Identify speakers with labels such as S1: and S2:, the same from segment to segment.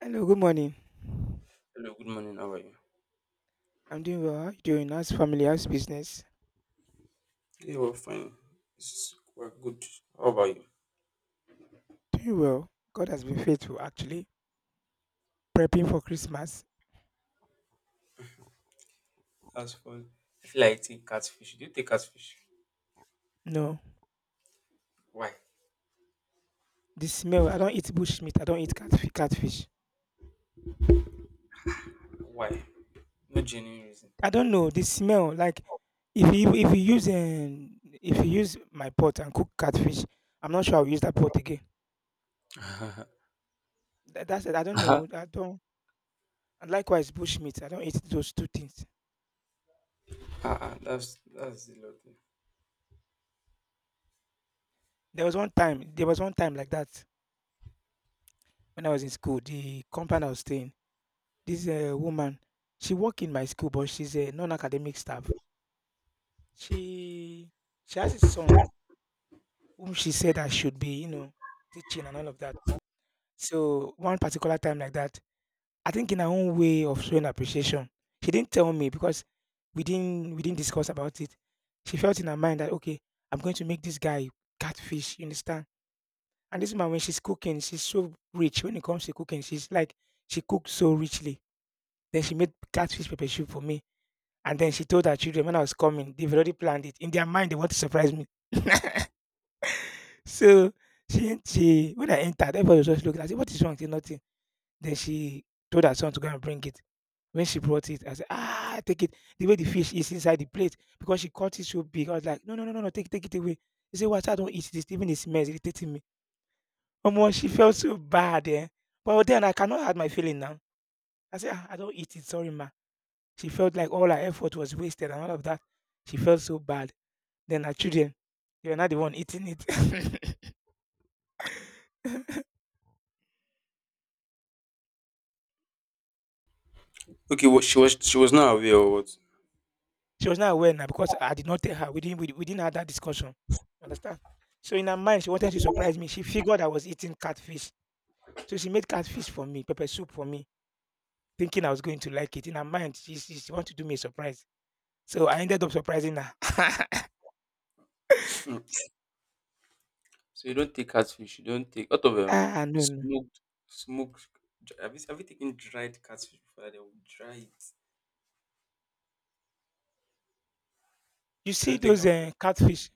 S1: Hello, good morning.
S2: Hello, good morning. How are you?
S1: I'm doing well. How you doing? How's family? How's business?
S2: Yeah, we're fine. We're good. How about you?
S1: Doing well. God has been faithful, actually. Prepping for Christmas.
S2: That's fun. I feel like eating catfish. Do you take catfish?
S1: No,
S2: Why?
S1: the smell. I don't eat bush meat. I don't eat catfish. Catfish.
S2: Why? No genuine reason.
S1: I don't know the smell. Like if you use if you use my pot and cook catfish, I'm not sure I'll use that pot again. That's it. I don't know. I don't. And likewise, bush meat. I don't eat those two things.
S2: Ah, ah, that's a lot.
S1: There was one time. There was one time like that when I was in school. The compound I was staying. This woman, she work in my school, but she's a non-academic staff. She she has a son whom she said I should be, you know, teaching and all of that. So one particular time like that, I think in her own way of showing appreciation, she didn't tell me because we didn't discuss about it. She felt in her mind that, okay, I'm going to make this guy catfish, you understand? And this woman, when she's cooking, she's so rich. When it comes to cooking, she's like she cooks so richly. Then she made catfish pepper soup for me. And then she told her children when I was coming, they've already planned it. In their mind, they want to surprise me. So she when I entered, everybody was just looking. I said, "What is wrong?" She said, "Nothing." Then she told her son to go and bring it. When she brought it, I said, "Ah, take it." The way the fish is inside the plate, because she caught it so big. I was like, "No, no, no, no, no, take it away." He said, "What, I don't eat this, even the smell is irritating me." Omo, she felt so bad, eh? But then I cannot hide my feeling now. I said, "Ah, I don't eat it, sorry, ma." She felt like all her effort was wasted and all of that. She felt so bad. Then her children, they were not the one eating it.
S2: Okay, well, she was not aware or what?
S1: She was not aware now because I did not tell her. We didn't have that discussion. Understand? So in her mind, she wanted to surprise me. She figured I was eating catfish. So she made catfish for me, pepper soup for me, thinking I was going to like it. In her mind, she wanted to do me a surprise. So I ended up surprising her.
S2: Hmm. So you don't take catfish. You don't take out of
S1: Ah, no, no.
S2: smoked smoked. Have you taken dried catfish before? That they will dry it.
S1: You
S2: You
S1: see
S2: don't take
S1: those
S2: that one.
S1: catfish,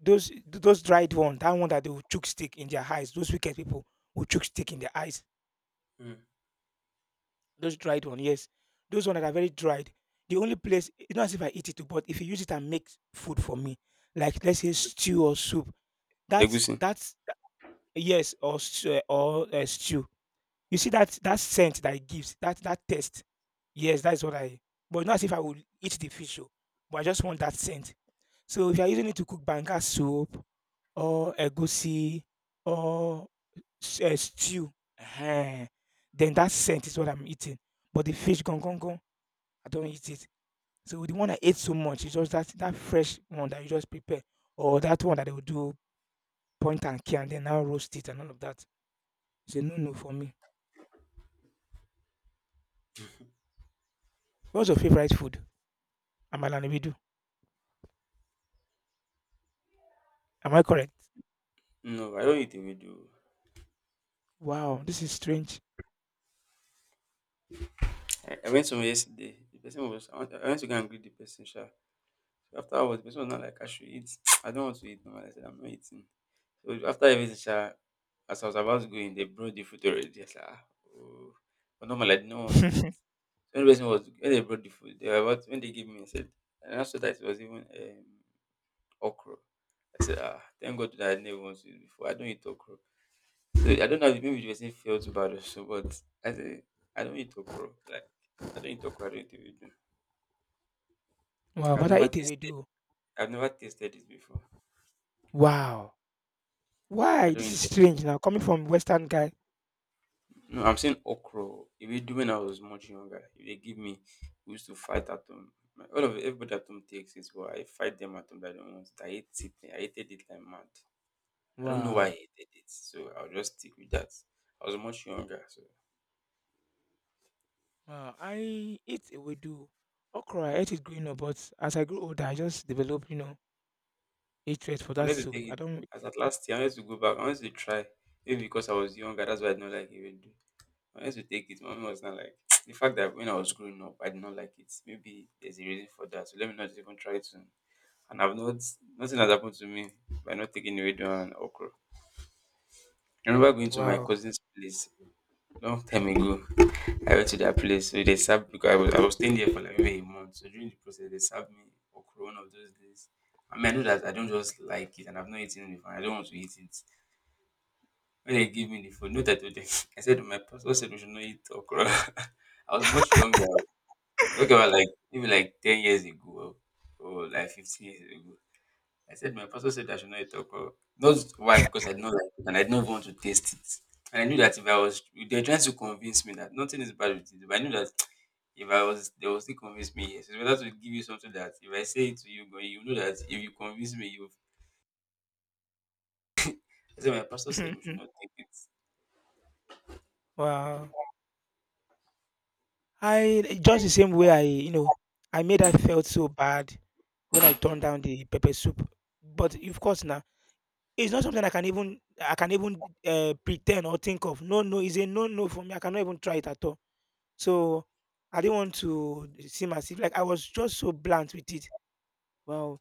S1: those dried one that they will chook stick in their eyes. Those wicked people will chook stick in their eyes.
S2: Mm.
S1: Those dried one, yes. Those one that are very dried. The only place, it's not as if I eat it too, but if you use it and make food for me, like let's say stew or soup, that's
S2: Egusi.
S1: that's that- Yes, or stew, or stew. You see that that scent that it gives, that that taste. Yes, that's what I. But not as if I would eat the fish, oh, but I just want that scent. So if you are using it to cook banga soup or egusi or stew, eh, then that scent is what I'm eating. But the fish gong, I don't eat it. So the one I ate so much is just that that fresh one that you just prepare, or that one that they will do point and kill and then now roast it and all of that. It's a no no for me. What's your favorite food? Amala and ewedu. Am I correct?
S2: No, I don't eat ewedu.
S1: Wow, this is strange.
S2: I went somewhere yesterday. The person was I went to go and greet the person, sha. Afterwards, the person was not like, I should eat. I don't want to eat. No, I said, I'm not eating. So after everything, sha, as I was about to go in, they brought the food already. I said, ah, oh. But normally, I did not want to eat. So when the person was, when they brought the food, they were about, when they gave me, I said, and after that, it was even okra. I said, ah, thank God that I never wanted to eat before. I don't eat okra. So I don't know if maybe the person felt bad or so, but I said, I don't eat okra. Like, I don't eat okra. I don't eat it.
S1: Wow,
S2: I've
S1: but I
S2: never
S1: ate
S2: tasted,
S1: ewedu.
S2: I've never tasted this before.
S1: Wow,
S2: I
S1: why?
S2: don't
S1: This
S2: eat.
S1: is strange now coming from Western guy.
S2: No, I'm saying okra. Ewedu, when I was much younger, if they give me, we used to fight at home. My, all of everybody at home takes it, but I fight them at home that they don't want it. I hate it. I hated it like mad. I don't know why I
S1: Wow,
S2: hated it, so I'll just stick with that. I was much younger, so
S1: wow. I ate ewedu. Okra, I ate it growing up, but as I grew older, I just developed, you know, hatred for
S2: I
S1: that
S2: wanted to take
S1: soup. I
S2: it.
S1: don't.
S2: As at last year, I wanted to go back. I wanted to try. Maybe because I was younger, that's why I don't like ewedu. I wanted to take it. Mommy was not like the fact that when I was growing up, I did not like it. Maybe there's a reason for that. So let me not even try to. And I've not, nothing has happened to me by not taking radon and okra. I remember going to my
S1: Wow.
S2: cousin's place long time ago. I went to their place, so they served because I was staying there for like maybe a month. So during the process, they served me okra one of those days. I mean, I know that I don't just like it, and I've not eaten it before. I don't want to eat it. When they gave me the food, note that told them, I said to my pastor, said we should not eat okra. I was much younger. I'm talking about like maybe like 10 years ago, or like 15 years ago. I said my pastor said I should not eat okra. Not why, because I did not like it and I did not want to taste it. And I knew that if I was, they're trying to convince me that nothing is bad with it, but I knew that if I was they will still convince me, yes. It's better to give you something that if I say it to you, but you know that if you convince me, you. I said my pastor said we should not take it.
S1: Wow. I just the same way I, you know, I made I felt so bad when I turned down the pepper soup. But of course, now it's not something I can even pretend or think of. No, no, it's a no, no for me. I cannot even try it at all. So I didn't want to seem as if like I was just so blunt with it. Well,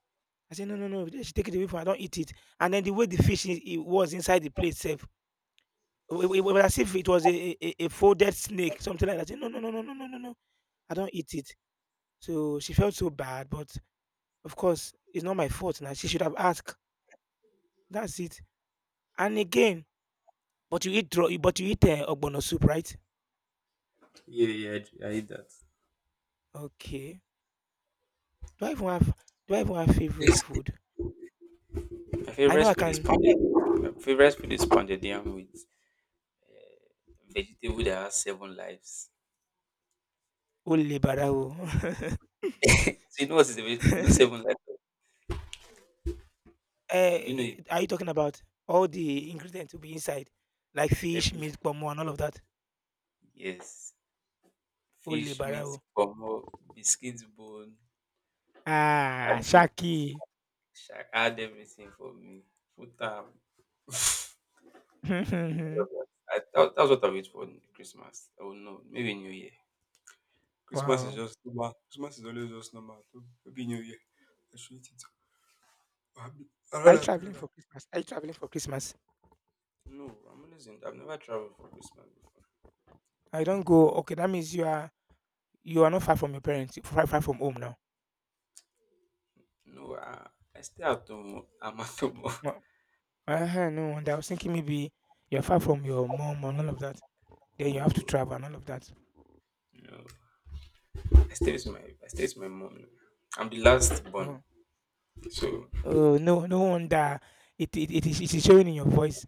S1: I said no, no, no. She take it away from. I don't eat it. And then the way the fish it was inside the plate itself, it was as if it was a folded snake, something like that. I said no, no, no, no, no, no, no, no. I don't eat it. So she felt so bad, but of course, it's not my fault now. She should have asked. That's it. And again, but you eat draw, but you eat ogbono soup, right?
S2: Yeah, yeah, I eat that.
S1: Okay. Do I even have do I even have favorite
S2: Yes.
S1: food?
S2: My
S1: I
S2: favorite
S1: know I
S2: food is
S1: can
S2: pounded. My favorite food is pounded yam with vegetable that has seven lives.
S1: only barao.
S2: So you know what is the you know
S1: uh,
S2: seven lives? Do you know it?
S1: are you talking about all the ingredients to be inside, like fish,
S2: Every
S1: meat, pomo, and all of that?
S2: Yes.
S1: Only
S2: Fish, meat,
S1: barao.
S2: pomo, biscuit bone,
S1: Ah,
S2: add ev-
S1: Shaki.
S2: add everything for me. Futa, all that. That's what I wait for in Christmas. Oh no, maybe New Year. Christmas is
S1: Wow.
S2: just normal. Christmas is always just normal too. Maybe New Year. I should eat it. I'm happy. Around
S1: Are you
S2: that period.
S1: traveling
S2: I'm.
S1: for Christmas? Are you traveling for Christmas?
S2: No, I'm always in. I've never traveled for Christmas before.
S1: I don't go. Okay, that means you are you are not far from your parents, you're far, far from home now.
S2: No, I stay at home. I'm at home.
S1: No, uh-huh, no wonder. I was thinking maybe you're far from your mom and all of that. Then you have to
S2: No,
S1: travel and all of that.
S2: no. I stay with my mom. I'm the last born,
S1: Wow.
S2: so
S1: Oh no, no wonder it is showing in your voice.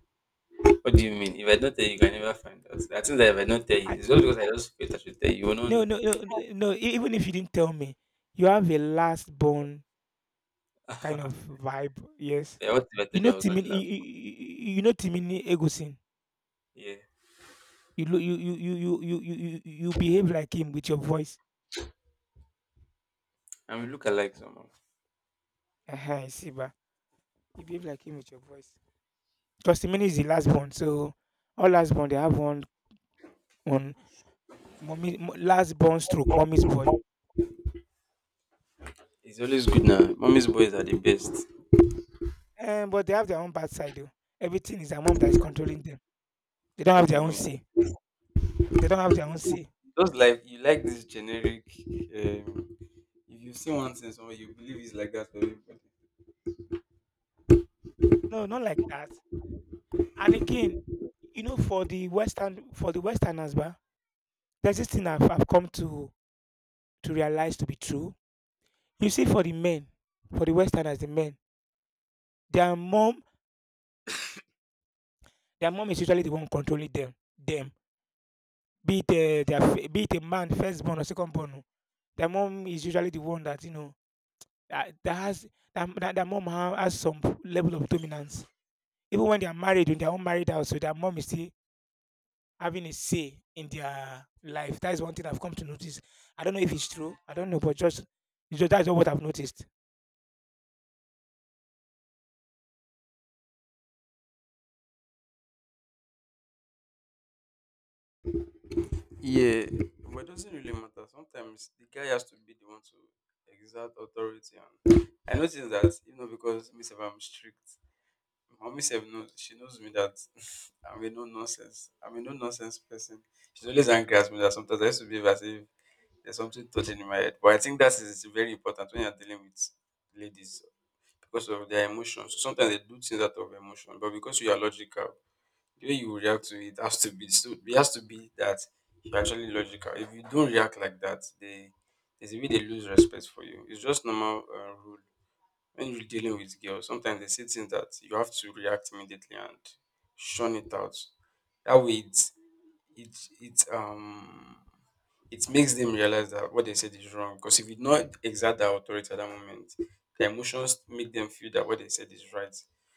S2: what do you mean? If I don't tell you, you can never find out. I think that if I don't tell
S1: I,
S2: you, it's just because I just felt I should tell you. You will not
S1: no,
S2: know.
S1: no, no, no. Even if you didn't tell me, you have a last born kind of vibe. Yes,
S2: Like, what if I
S1: you
S2: told you
S1: know
S2: I was not the
S1: Timini,
S2: last
S1: you know Timini Egosin.
S2: one? Yeah.
S1: You look, you behave like him with your voice.
S2: And we look alike somehow.
S1: Uh-huh, I see, ba. You behave like him with your voice. Osimhen is the last born, so all last born they have one one mommy last born stroke mommy's boy.
S2: It's always good now. Mommy's boys are the best.
S1: But they have their own bad side though. Everything is their mom that is controlling them. They don't
S2: What
S1: have
S2: do
S1: their
S2: you
S1: own
S2: mean?
S1: say. They don't have their own say.
S2: Just like you like this generic. Um, if you see one thing somewhere, you believe it's like that for everybody.
S1: No, not like that. And again, you know, for the Westerners, bah, there's this thing I've come to realize to be true. You see, for the men, for the Westerners, the men, their mom, their mom is usually the one controlling them. Them, be it their be it a man first born or second born, oh, their mom is usually the one that you know that, that has that, that their mom has some level of dominance. Even when they are married, when they are unmarried out, so their mom is still having a say in their life. That is one thing I've come to notice. I don't know if it's true. I don't know, but just, it's just that's what I've noticed.
S2: Yeah, but it doesn't really matter. Sometimes the guy has to be the one to exert authority. And I notice that, you know, because myself, I'm strict. Mommy sef knows, she knows me that I'm a no nonsense. I'm a no nonsense person. She's always angry at me that sometimes I used to behave as if there's something turning in my head. But I think that is very important when you're dealing with ladies because of their emotions. So sometimes they do things out of emotion, but because you are logical, the way you react to it has to be, so it has to be that you're actually logical. If you don't react like that, they, there's a way they lose respect for you. It's just normal rule when you're dealing with girls. Sometimes they say things that you have to react immediately and shun it out. That way, it it um it makes them realize that what they said is wrong. Because if you not exert that authority at that moment, the emotions make them feel that what they said is right.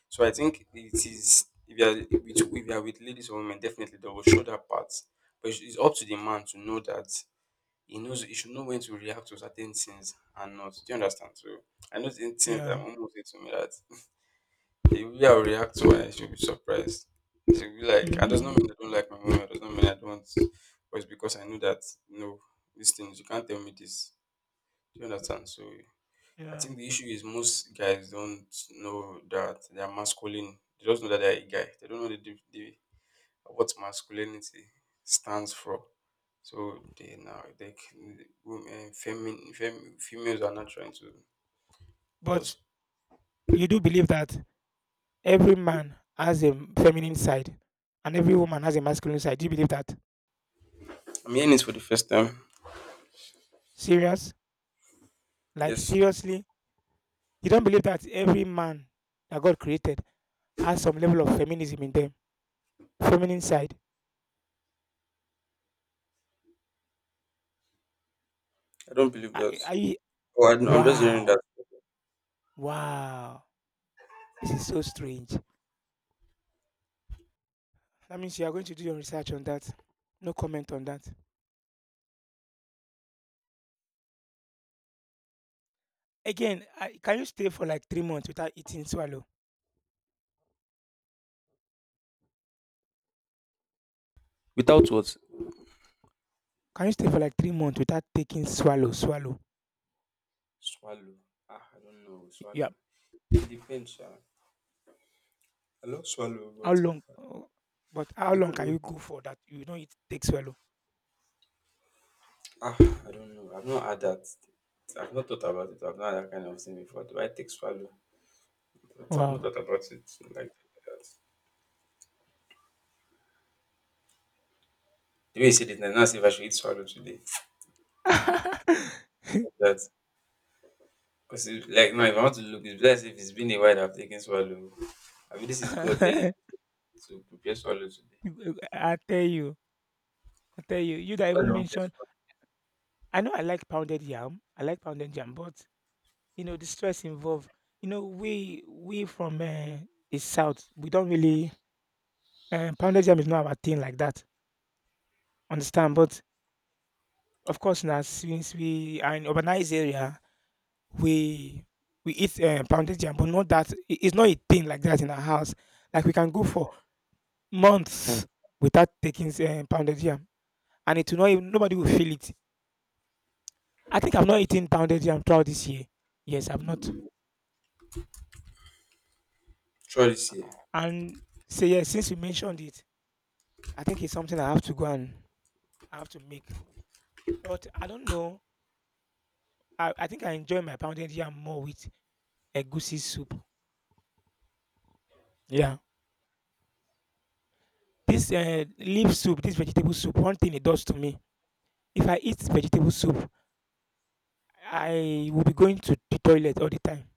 S2: So I think it is, if you are with ladies or women, definitely they will show that part. But it's up to the man to know that he should know when to react to certain things and not. Do you understand? So I know certain things that
S1: Yeah.
S2: my mom will say to me, that the way I'll react to her, she'll be surprised. She'll be like, and does not
S1: Hmm.
S2: mean I don't like my mom, it does not mean I don't, but it's because I know that no, these things you can't tell me this. Do you understand? So I
S1: Yeah.
S2: think the issue is most guys don't know that they are masculine. They just know that they are a guy. They don't know the what masculinity stands for. So they now they can, women, females are not trying to.
S1: But
S2: Just,
S1: you do believe that every man has a feminine side and every woman has a masculine side. Do you believe that?
S2: I'm hearing it for the first time.
S1: Serious? Like
S2: Yes,
S1: seriously? You don't believe that every man that God created has some level of feminism in them. Feminine side.
S2: I don't believe that.
S1: Are you,
S2: Oh, I'm just hearing
S1: wow.
S2: that.
S1: Wow. This is so strange. That means you are going to do your research on that. No comment on that. Again, I, can you stay for like 3 months without eating swallow?
S2: Without what?
S1: Can you stay for like 3 months without taking swallow?
S2: Swallow. Ah, I don't know.
S1: Yeah.
S2: Swallow. It depends, sha. I love swallow,
S1: How
S2: but
S1: long? Oh, but how
S2: I
S1: long
S2: don't
S1: can
S2: know.
S1: you go for that? You don't eat, take swallow.
S2: Ah, I don't know. I've not had that. I've not thought about it. I've not had that kind of thing before. Do I take swallow? But I've not
S1: Wow.
S2: thought about it like that. The way you said it, now, see if I should eat swallow today.
S1: I
S2: That because it, like now if I want to look, it's best if it's been a while I've taken swallow. I mean this is God telling me to prepare swallow today.
S1: tell you, I tell you, you that
S2: What's
S1: even
S2: the one best
S1: mention
S2: one?
S1: I know I like pounded yam. I like pounded yam, but you know the stress involved. You know, we from the south, we don't really pounded yam is not our thing like that. Understand? But of course, now since we are in urbanized area, we we eat pounded yam, but not that it's not a thing like that in our house. Like we can go for months without taking pounded yam, and it will not even, nobody will feel it. I think I've not eaten pounded yam throughout this year. Yes, I've not.
S2: Try this here.
S1: And say yes, since you mentioned it, I think it's something I have to go and I have to make. But I don't know. I think I enjoy my pounded yam more with a goosey soup. Yeah. This leaf soup, this vegetable soup, one thing it does to me. If I eat vegetable soup, I will be going to the toilet all the time.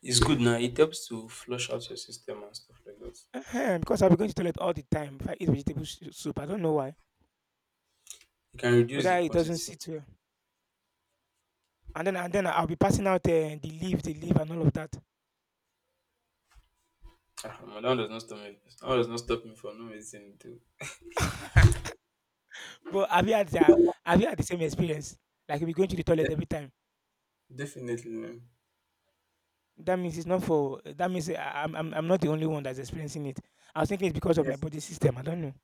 S2: It's good now. It helps to flush out your system and stuff like that.
S1: Ehen, because I'll be going to the toilet all the time if I eat vegetable soup. I don't know why.
S2: It can reduce the
S1: Whether it doesn't
S2: quantity.
S1: sit well. And then I'll be passing out the leaf and all of that.
S2: Ah, man, that one does not stop me. That one does not stop me for no reason.
S1: But have you had the have you had the same experience? Like you'll be going to the toilet
S2: De-
S1: every time.
S2: Definitely no.
S1: That means it's not for that means I'm not the only one that's experiencing it. I was thinking it's because of my
S2: Yes,
S1: body system. I don't know.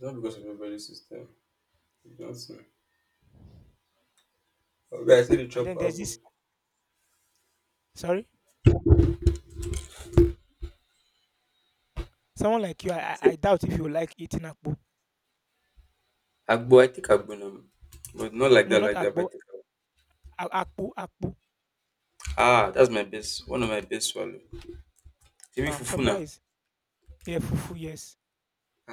S2: not because of your body system. You don't see. Okay, I see the
S1: And
S2: chop
S1: then there's this
S2: agbo.
S1: sorry? Someone like you,
S2: I
S1: I I
S2: say
S1: I doubt if you like eating akpu.
S2: agbo. I take agbo now, but not like
S1: No,
S2: that.
S1: not
S2: Like that,
S1: akpo.
S2: but I take.
S1: Akpu, akpu.
S2: Ah, that's my best, one of my best swallow. Even
S1: I'm
S2: fufu now.
S1: surprised. Yeah, fufu, yes.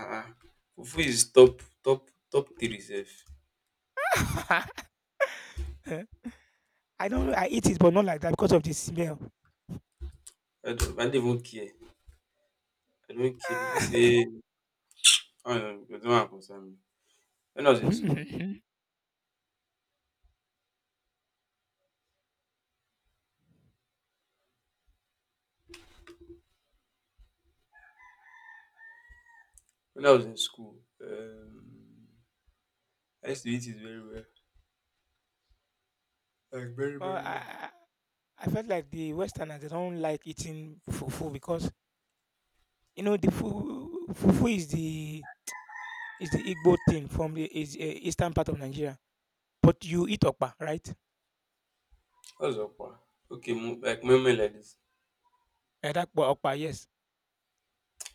S2: Ah ah. Fufu is top top top three sef.
S1: Eh, I eat it but not like that because of the smell.
S2: I don't even care. I don't care. People say I don't know, it don't concern me. When I was in school,
S1: Well,
S2: when I was in school, I used to eat it very well. Like very.
S1: I I I felt like the Westerners they don't like eating fufu because you know, the fu fufu is the Igbo thing from the is, eh, eastern part of Nigeria, but you eat okpa, right?
S2: What's okpa? Okay, mo like moimoi like this.
S1: Eh, that okpa, okpa, yes.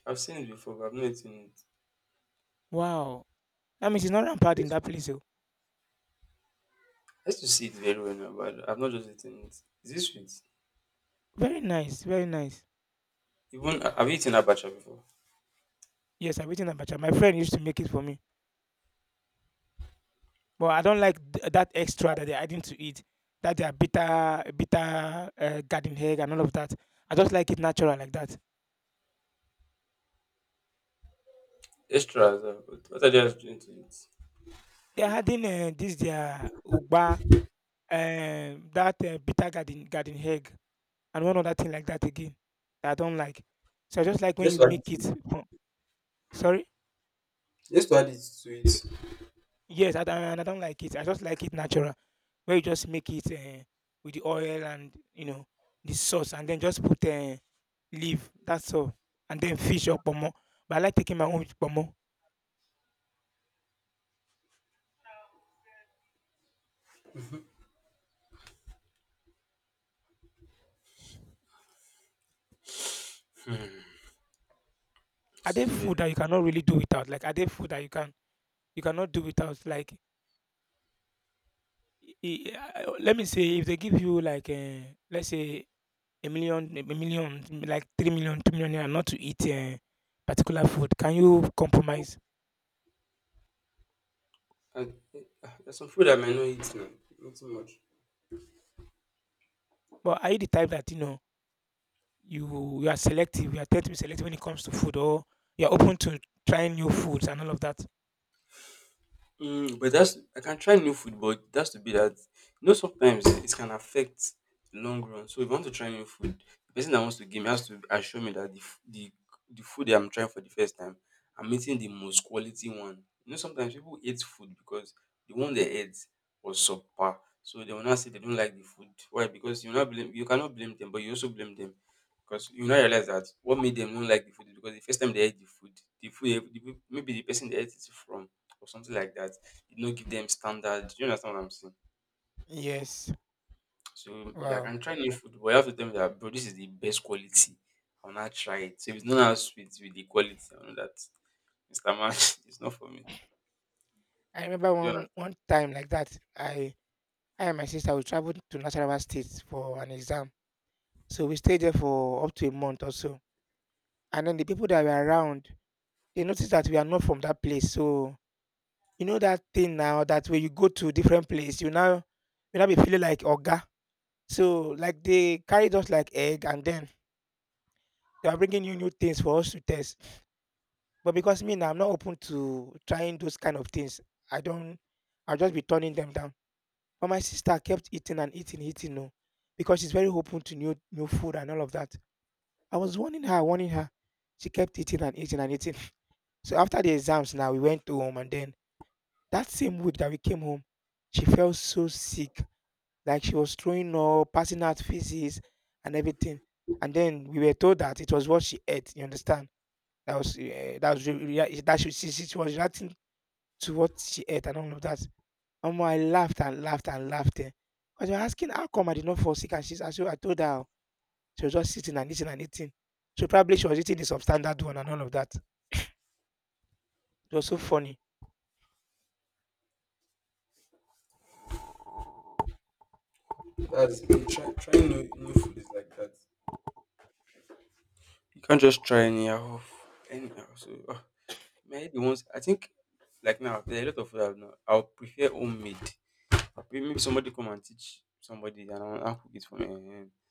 S2: I've seen it before but I've not eaten.
S1: Wow! That means it's not rampant
S2: It
S1: in that
S2: sweet?
S1: place oh.
S2: I used to see it very well now, but I've not just eaten it. Is this sweet?
S1: Very nice, very nice.
S2: Even have you eaten abacha before?
S1: Yes, I've eaten abacha. My friend used to make it for me, but I don't like th that extra that they're adding to it, that they are bitter bitter, eh, garden egg and all of that. I just like it natural like that.
S2: Extra as well, but what are they just doing to it?
S1: They're adding, eh, this their ugba, eh, that, eh, bitter garden garden egg and one other thing like that again that I don't like. So I just like when
S2: Just
S1: you
S2: to add it
S1: make it.
S2: to
S1: con- Sorry.
S2: just to add it to it.
S1: Yes, I don't, and I don't like it. I just like it natural, where you just make it with the oil and you know the sauce, and then just put leaf. That's all, and then fish or pomo. But I like taking my own with pomo. Are
S2: This
S1: there
S2: is where.
S1: food that you cannot really do without? Like are there food that you can you cannot do without? Like let me say if they give you like let's say a million, like 3 million, 2 million. 2 million naira not to eat a particular food, can you compromise?
S2: And, there's some food I might not eat now. Not too much.
S1: But are you the type that you know you are selective? You are tend to be selective when it comes to food, or you are open to trying new foods and all of that?
S2: Mm, but that's I can try new food, but that's to be that you know sometimes it can affect the long run. So if I want to try new food, the person that wants to give me has to assure me that the f- the food that I'm trying for the first time, I'm eating the most quality one. You know, sometimes people eat food because the one they ate was subpar. So they will not say they don't like the food. Why? Because you cannot blame them, but you also blame them. Because you now realize that what made them not like the food is because the first time they ate the food, maybe the person they ate it from or something like that. You know, give them standard. You understand what I'm saying?
S1: Yes.
S2: So if I
S1: Wow.
S2: can try new food, but you have to tell me that bro, this is the best quality. I'll not try it. So if it's not as sweet with the quality, I know that Mr. Man, it's not for me.
S1: I remember
S2: Do you
S1: one
S2: understand?
S1: one time like that. I and my sister we traveled to Nasarawa State for an exam, so we stayed there for up to a month or so. And then the people that were around, they noticed that we are not from that place, so you know that thing now that when you go to different place, you now be feeling like oga. So like they carried us like egg, and then they are bringing you new things for us to test. But because me now, I'm not open to trying those kind of things. I don't. I'll just be turning them down. But my sister kept eating and eating, eating, no, because she's very open to new new food and all of that. I was warning her, warning her. She kept eating and eating and eating. So after the exams now, we went home, and then that same week that we came home, she felt so sick, like she was throwing up, passing out feces and everything. And then we were told that it was what she ate. You understand? That she, she was reacting to what she ate and all of that. And I laughed and laughed and laughed. Eh. Because you're asking how come I did not fall sick, and she's so I told her, "Oh, she was just sitting and eating and eating. So probably she was eating the substandard one and all of that." It was so funny.
S2: That's it. Trying new, new food is like that. You can't just try anyhow. Anyhow, so maybe once I think like now there are a lot of food I've not. I'll prefer homemade. Maybe somebody come and teach somebody and I'll cook it for me. Eh.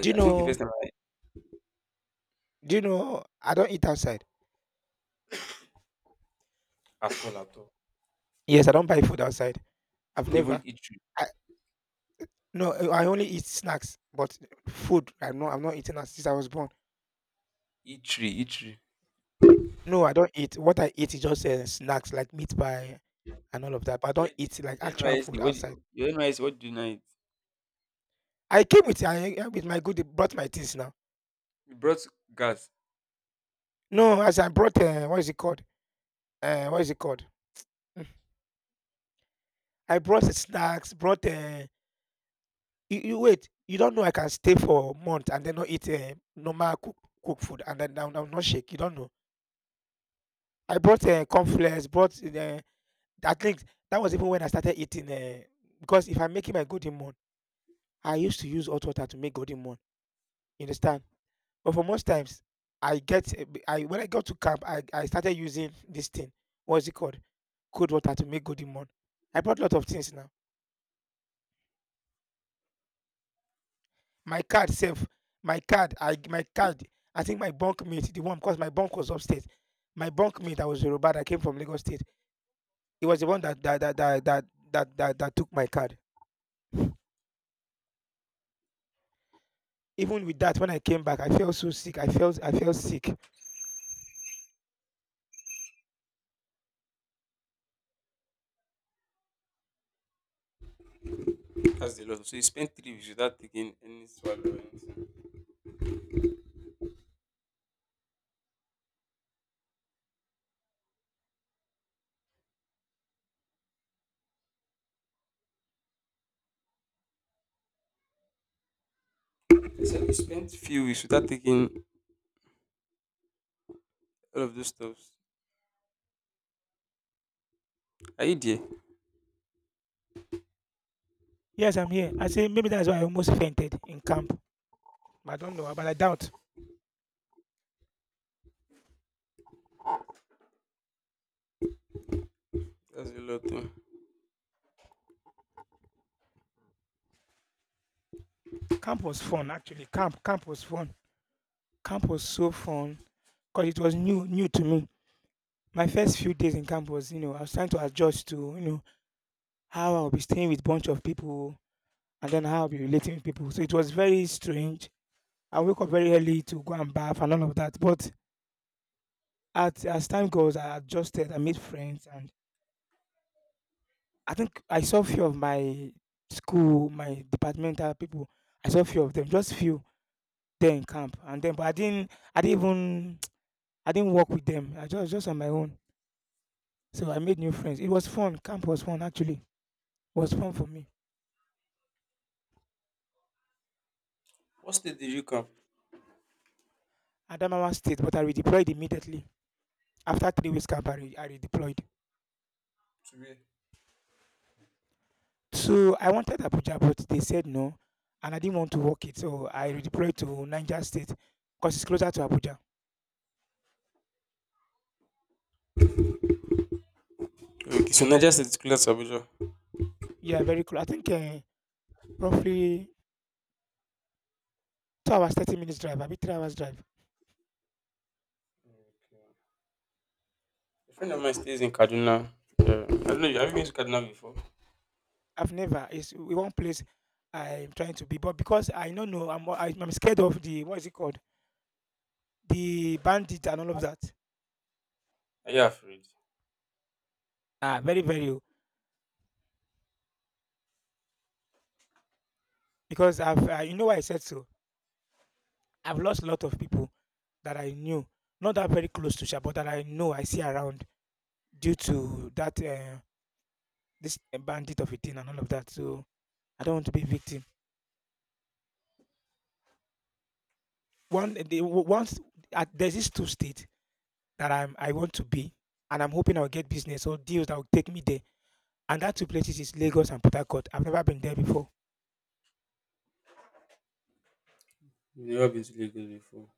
S1: Do you
S2: I think the first
S1: know?
S2: time
S1: Do you know? I don't eat outside.
S2: I, at all
S1: Yes, I don't buy food outside. I've
S2: even
S1: never.
S2: eat
S1: No, I only eat snacks, but food, I'm not eating that since I was born.
S2: Itri, Itri.
S1: No, I don't eat. What I eat is just snacks like meat pie and all of that. But I
S2: Your
S1: don't eat like
S2: your
S1: actual
S2: NYSC,
S1: food outside.
S2: your NYSC, what do you know? It.
S1: I came with with my good. They brought my things now.
S2: You brought gas.
S1: No, as I brought what is it called? What is it called? Mm. I brought the snacks. Brought you, wait. You don't know I can stay for a month and then not eat normal cook, cook food and then I'm not shake. You don't know. I brought cornflakes. Brought I think that was even when I started eating, because if I'm making my golden morn, I used to use hot water to make golden morn. You understand? But for most times, I when I got to camp, I started using this thing. What's it called? Cold water to make golden morn. I brought a lot of things now. My card self, my card. I think my bunk mate, the one because my bunk was upstairs. My bunk mate, I was Yoruba that came from Lagos State. It was the one that took my card. Even with that, when I came back, I felt so sick. I felt sick.
S2: That's a lot. So you spent 3 weeks without taking any swallow, or anything. They said you spent few weeks without taking all of those stuffs. Are you there?
S1: Yes, I'm here. I say maybe that's why I almost fainted in camp. I don't know, but I doubt.
S2: That's a lot, oh.
S1: Camp was fun actually. Camp was fun. Camp was so fun because it was new new to me. My first few days in camp was, you know, I was trying to adjust to, you know, how I'll be staying with bunch of people and then how I'll be relating with people. So it was very strange. I woke up very early to go and bath and all of that. But at, as time goes, I adjusted, I made friends, and I think I saw few of my school, my departmental people. I saw few of them, just few there in camp, and then but I didn't even, I didn't work with them. I just on my own. So I made new friends. It was fun. Camp was fun actually. It was fun for me.
S2: What state did you come?
S1: Adamawa State, but I redeployed immediately after 3 weeks camp. I redeployed.
S2: Where?
S1: So I wanted Abuja, but they said no, and I didn't want to work it. So I redeployed to Niger State because it's closer to Abuja.
S2: Okay, so Niger State is close to Abuja.
S1: Yeah, very close. I think roughly 2 hours, 30 minutes drive, I be 3 hours drive.
S2: A friend of mine stays in Kaduna. Yeah. I don't know. Have you been to Kaduna before?
S1: I've never, it's one place I'm trying to be, but because I don't know, I'm scared of the, what is it called? The bandit and all of that.
S2: Are you afraid?
S1: Ah, very, very. Oh. Because I've, you know why I said so? I've lost a lot of people that I knew, not that very close to Sha, but that I know, I see around due to that, this bandit of a thing and all of that. So I don't want to be victim. One, the, once, at, there's this two state that I want to be, and I'm hoping I'll get business or deals that will take me there. And that two places is Lagos and Port Harcourt. I've never been there before.
S2: You've never been to Lagos before.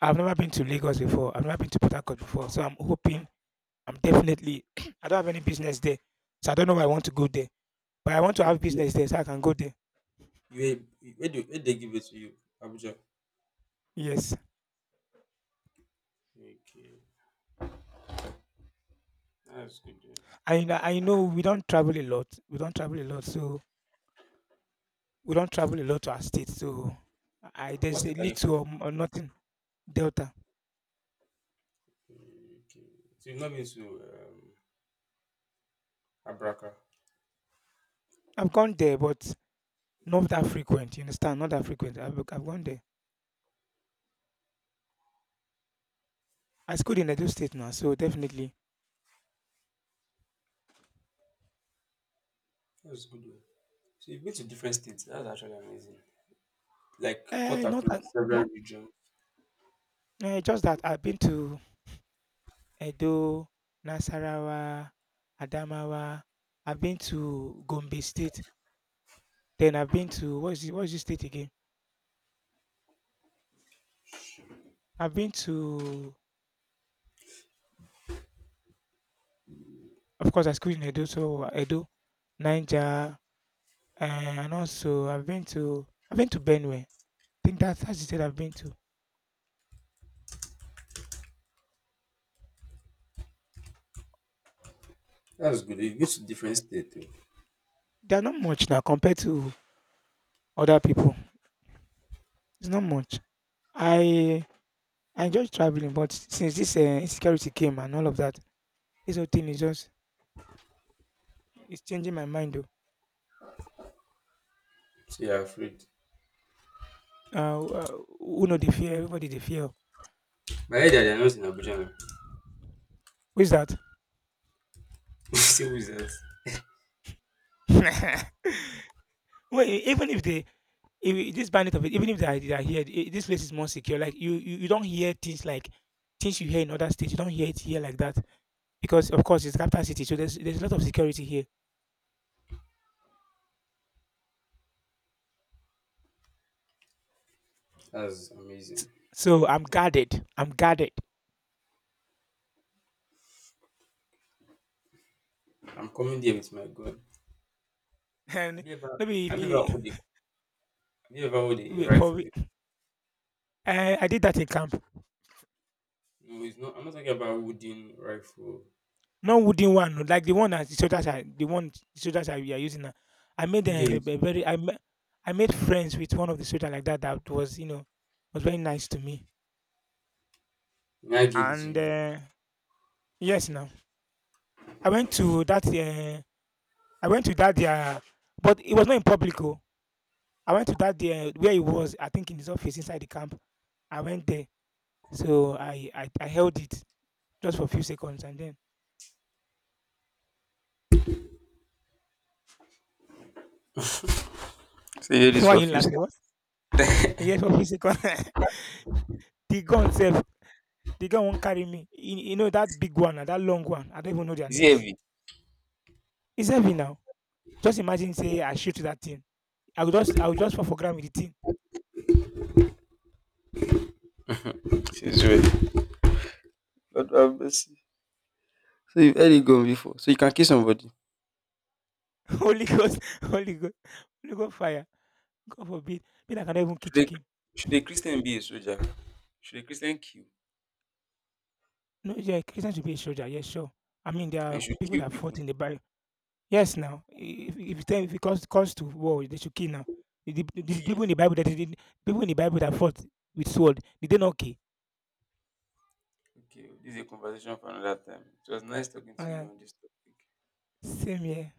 S1: I've never been to Lagos before. I've never been to Port Harcourt before. So I'm hoping I'm definitely I don't have any business there. So I don't know why I want to go there. But I want to
S2: So
S1: have
S2: you,
S1: business there so I can go there.
S2: you where they give it to you? Abuja.
S1: Yes.
S2: Okay, that's good, eh.
S1: And I know we don't travel a lot. We don't travel a lot. So we don't travel a lot to our state. So I
S2: What
S1: there's a
S2: state are you?
S1: little or nothing delta.
S2: Okay. So you've not been to Abraka.
S1: I've gone there, but not that frequent. You understand? Not that frequent. I've gone there. I schooled in Edo State now, so definitely.
S2: That's good one. So you've been to different states. That's actually amazing. Like cut
S1: Eh, not
S2: across
S1: that.
S2: several
S1: Not
S2: regions.
S1: eh, just that I've been to Edo, Nasarawa, Adamawa. I've been to Gombe State. Then I've been to what is it, what is this state again? I've been to, of course, I schooled in Edo, so Edo, Niger, eh, and also I've been to Benue. I think that that's the state I've been to.
S2: That's good. You've been to different states, eh.
S1: They're not much now compared to other people. It's not much. I I enjoy traveling, but since this insecurity came and all of that, this whole thing is just it's changing my mind. Though.
S2: So you're afraid.
S1: Who know the fear? Everybody they fear.
S2: My head they're not in Abuja now.
S1: Who is that?
S2: See who's else.
S1: Well, e- even if they, if e- this bandit of it, even if they are here, this place is more secure. Like you don't hear things like things you hear in other states. You don't hear it here like that because, of course, it's capital city, so there's a lot of security here.
S2: That's amazing.
S1: So I'm guarded. I'm guarded,
S2: I'm coming there with my gun.
S1: and
S2: Have you ever
S1: maybe if,
S2: have you ever hold a, have you ever hold a
S1: we- for
S2: rifle before?
S1: we- I did that in camp.
S2: No, it's not, I'm not talking about wooden rifle.
S1: Not wooden one, no, like the one that the shoulder side, the one shoulder side we are using now. I made
S2: Who gave it?
S1: a very I ma- I made friends with one of the soldier like that that was you know was very nice to me.
S2: I gave it to
S1: And
S2: you.
S1: yes, now I went to that uh, I went to that there, but it was not in public. Oh. I went to that there where he was. I think in his office inside the camp. I went there, so I held it just for a few seconds and then
S2: So say this
S1: why
S2: for
S1: are
S2: a
S1: you
S2: few
S1: laughing?
S2: seconds.
S1: What? Yes, for a few seconds. the gun itself the girl won't carry me. You know that big one, and that long one. I don't even know their
S2: Is it
S1: names.
S2: heavy?
S1: It's heavy now. Just imagine, say I shoot that thing. I would just fall for ground with the thing.
S2: It is heavy. But so you've heard it going before. So you can kill somebody.
S1: Holy Ghost, Holy Ghost, Holy Ghost fire. God forbid. Me, I cannot even kill
S2: Should a,
S1: chicken.
S2: should a Christian be a soldier? Should a Christian kill?
S1: No, yeah, Christians should be a soldier. Yes, sure. I mean, there
S2: And
S1: are
S2: should
S1: people
S2: kill
S1: that
S2: people?
S1: fought in the barrel. Yes, now if it comes to war, they should kill now. The
S2: Kill.
S1: people in the Bible that did people in the Bible that fought with sword, did they not kill?
S2: Okay, this is a conversation for another time. It was nice talking to
S1: Uh,
S2: you on this topic.
S1: same here.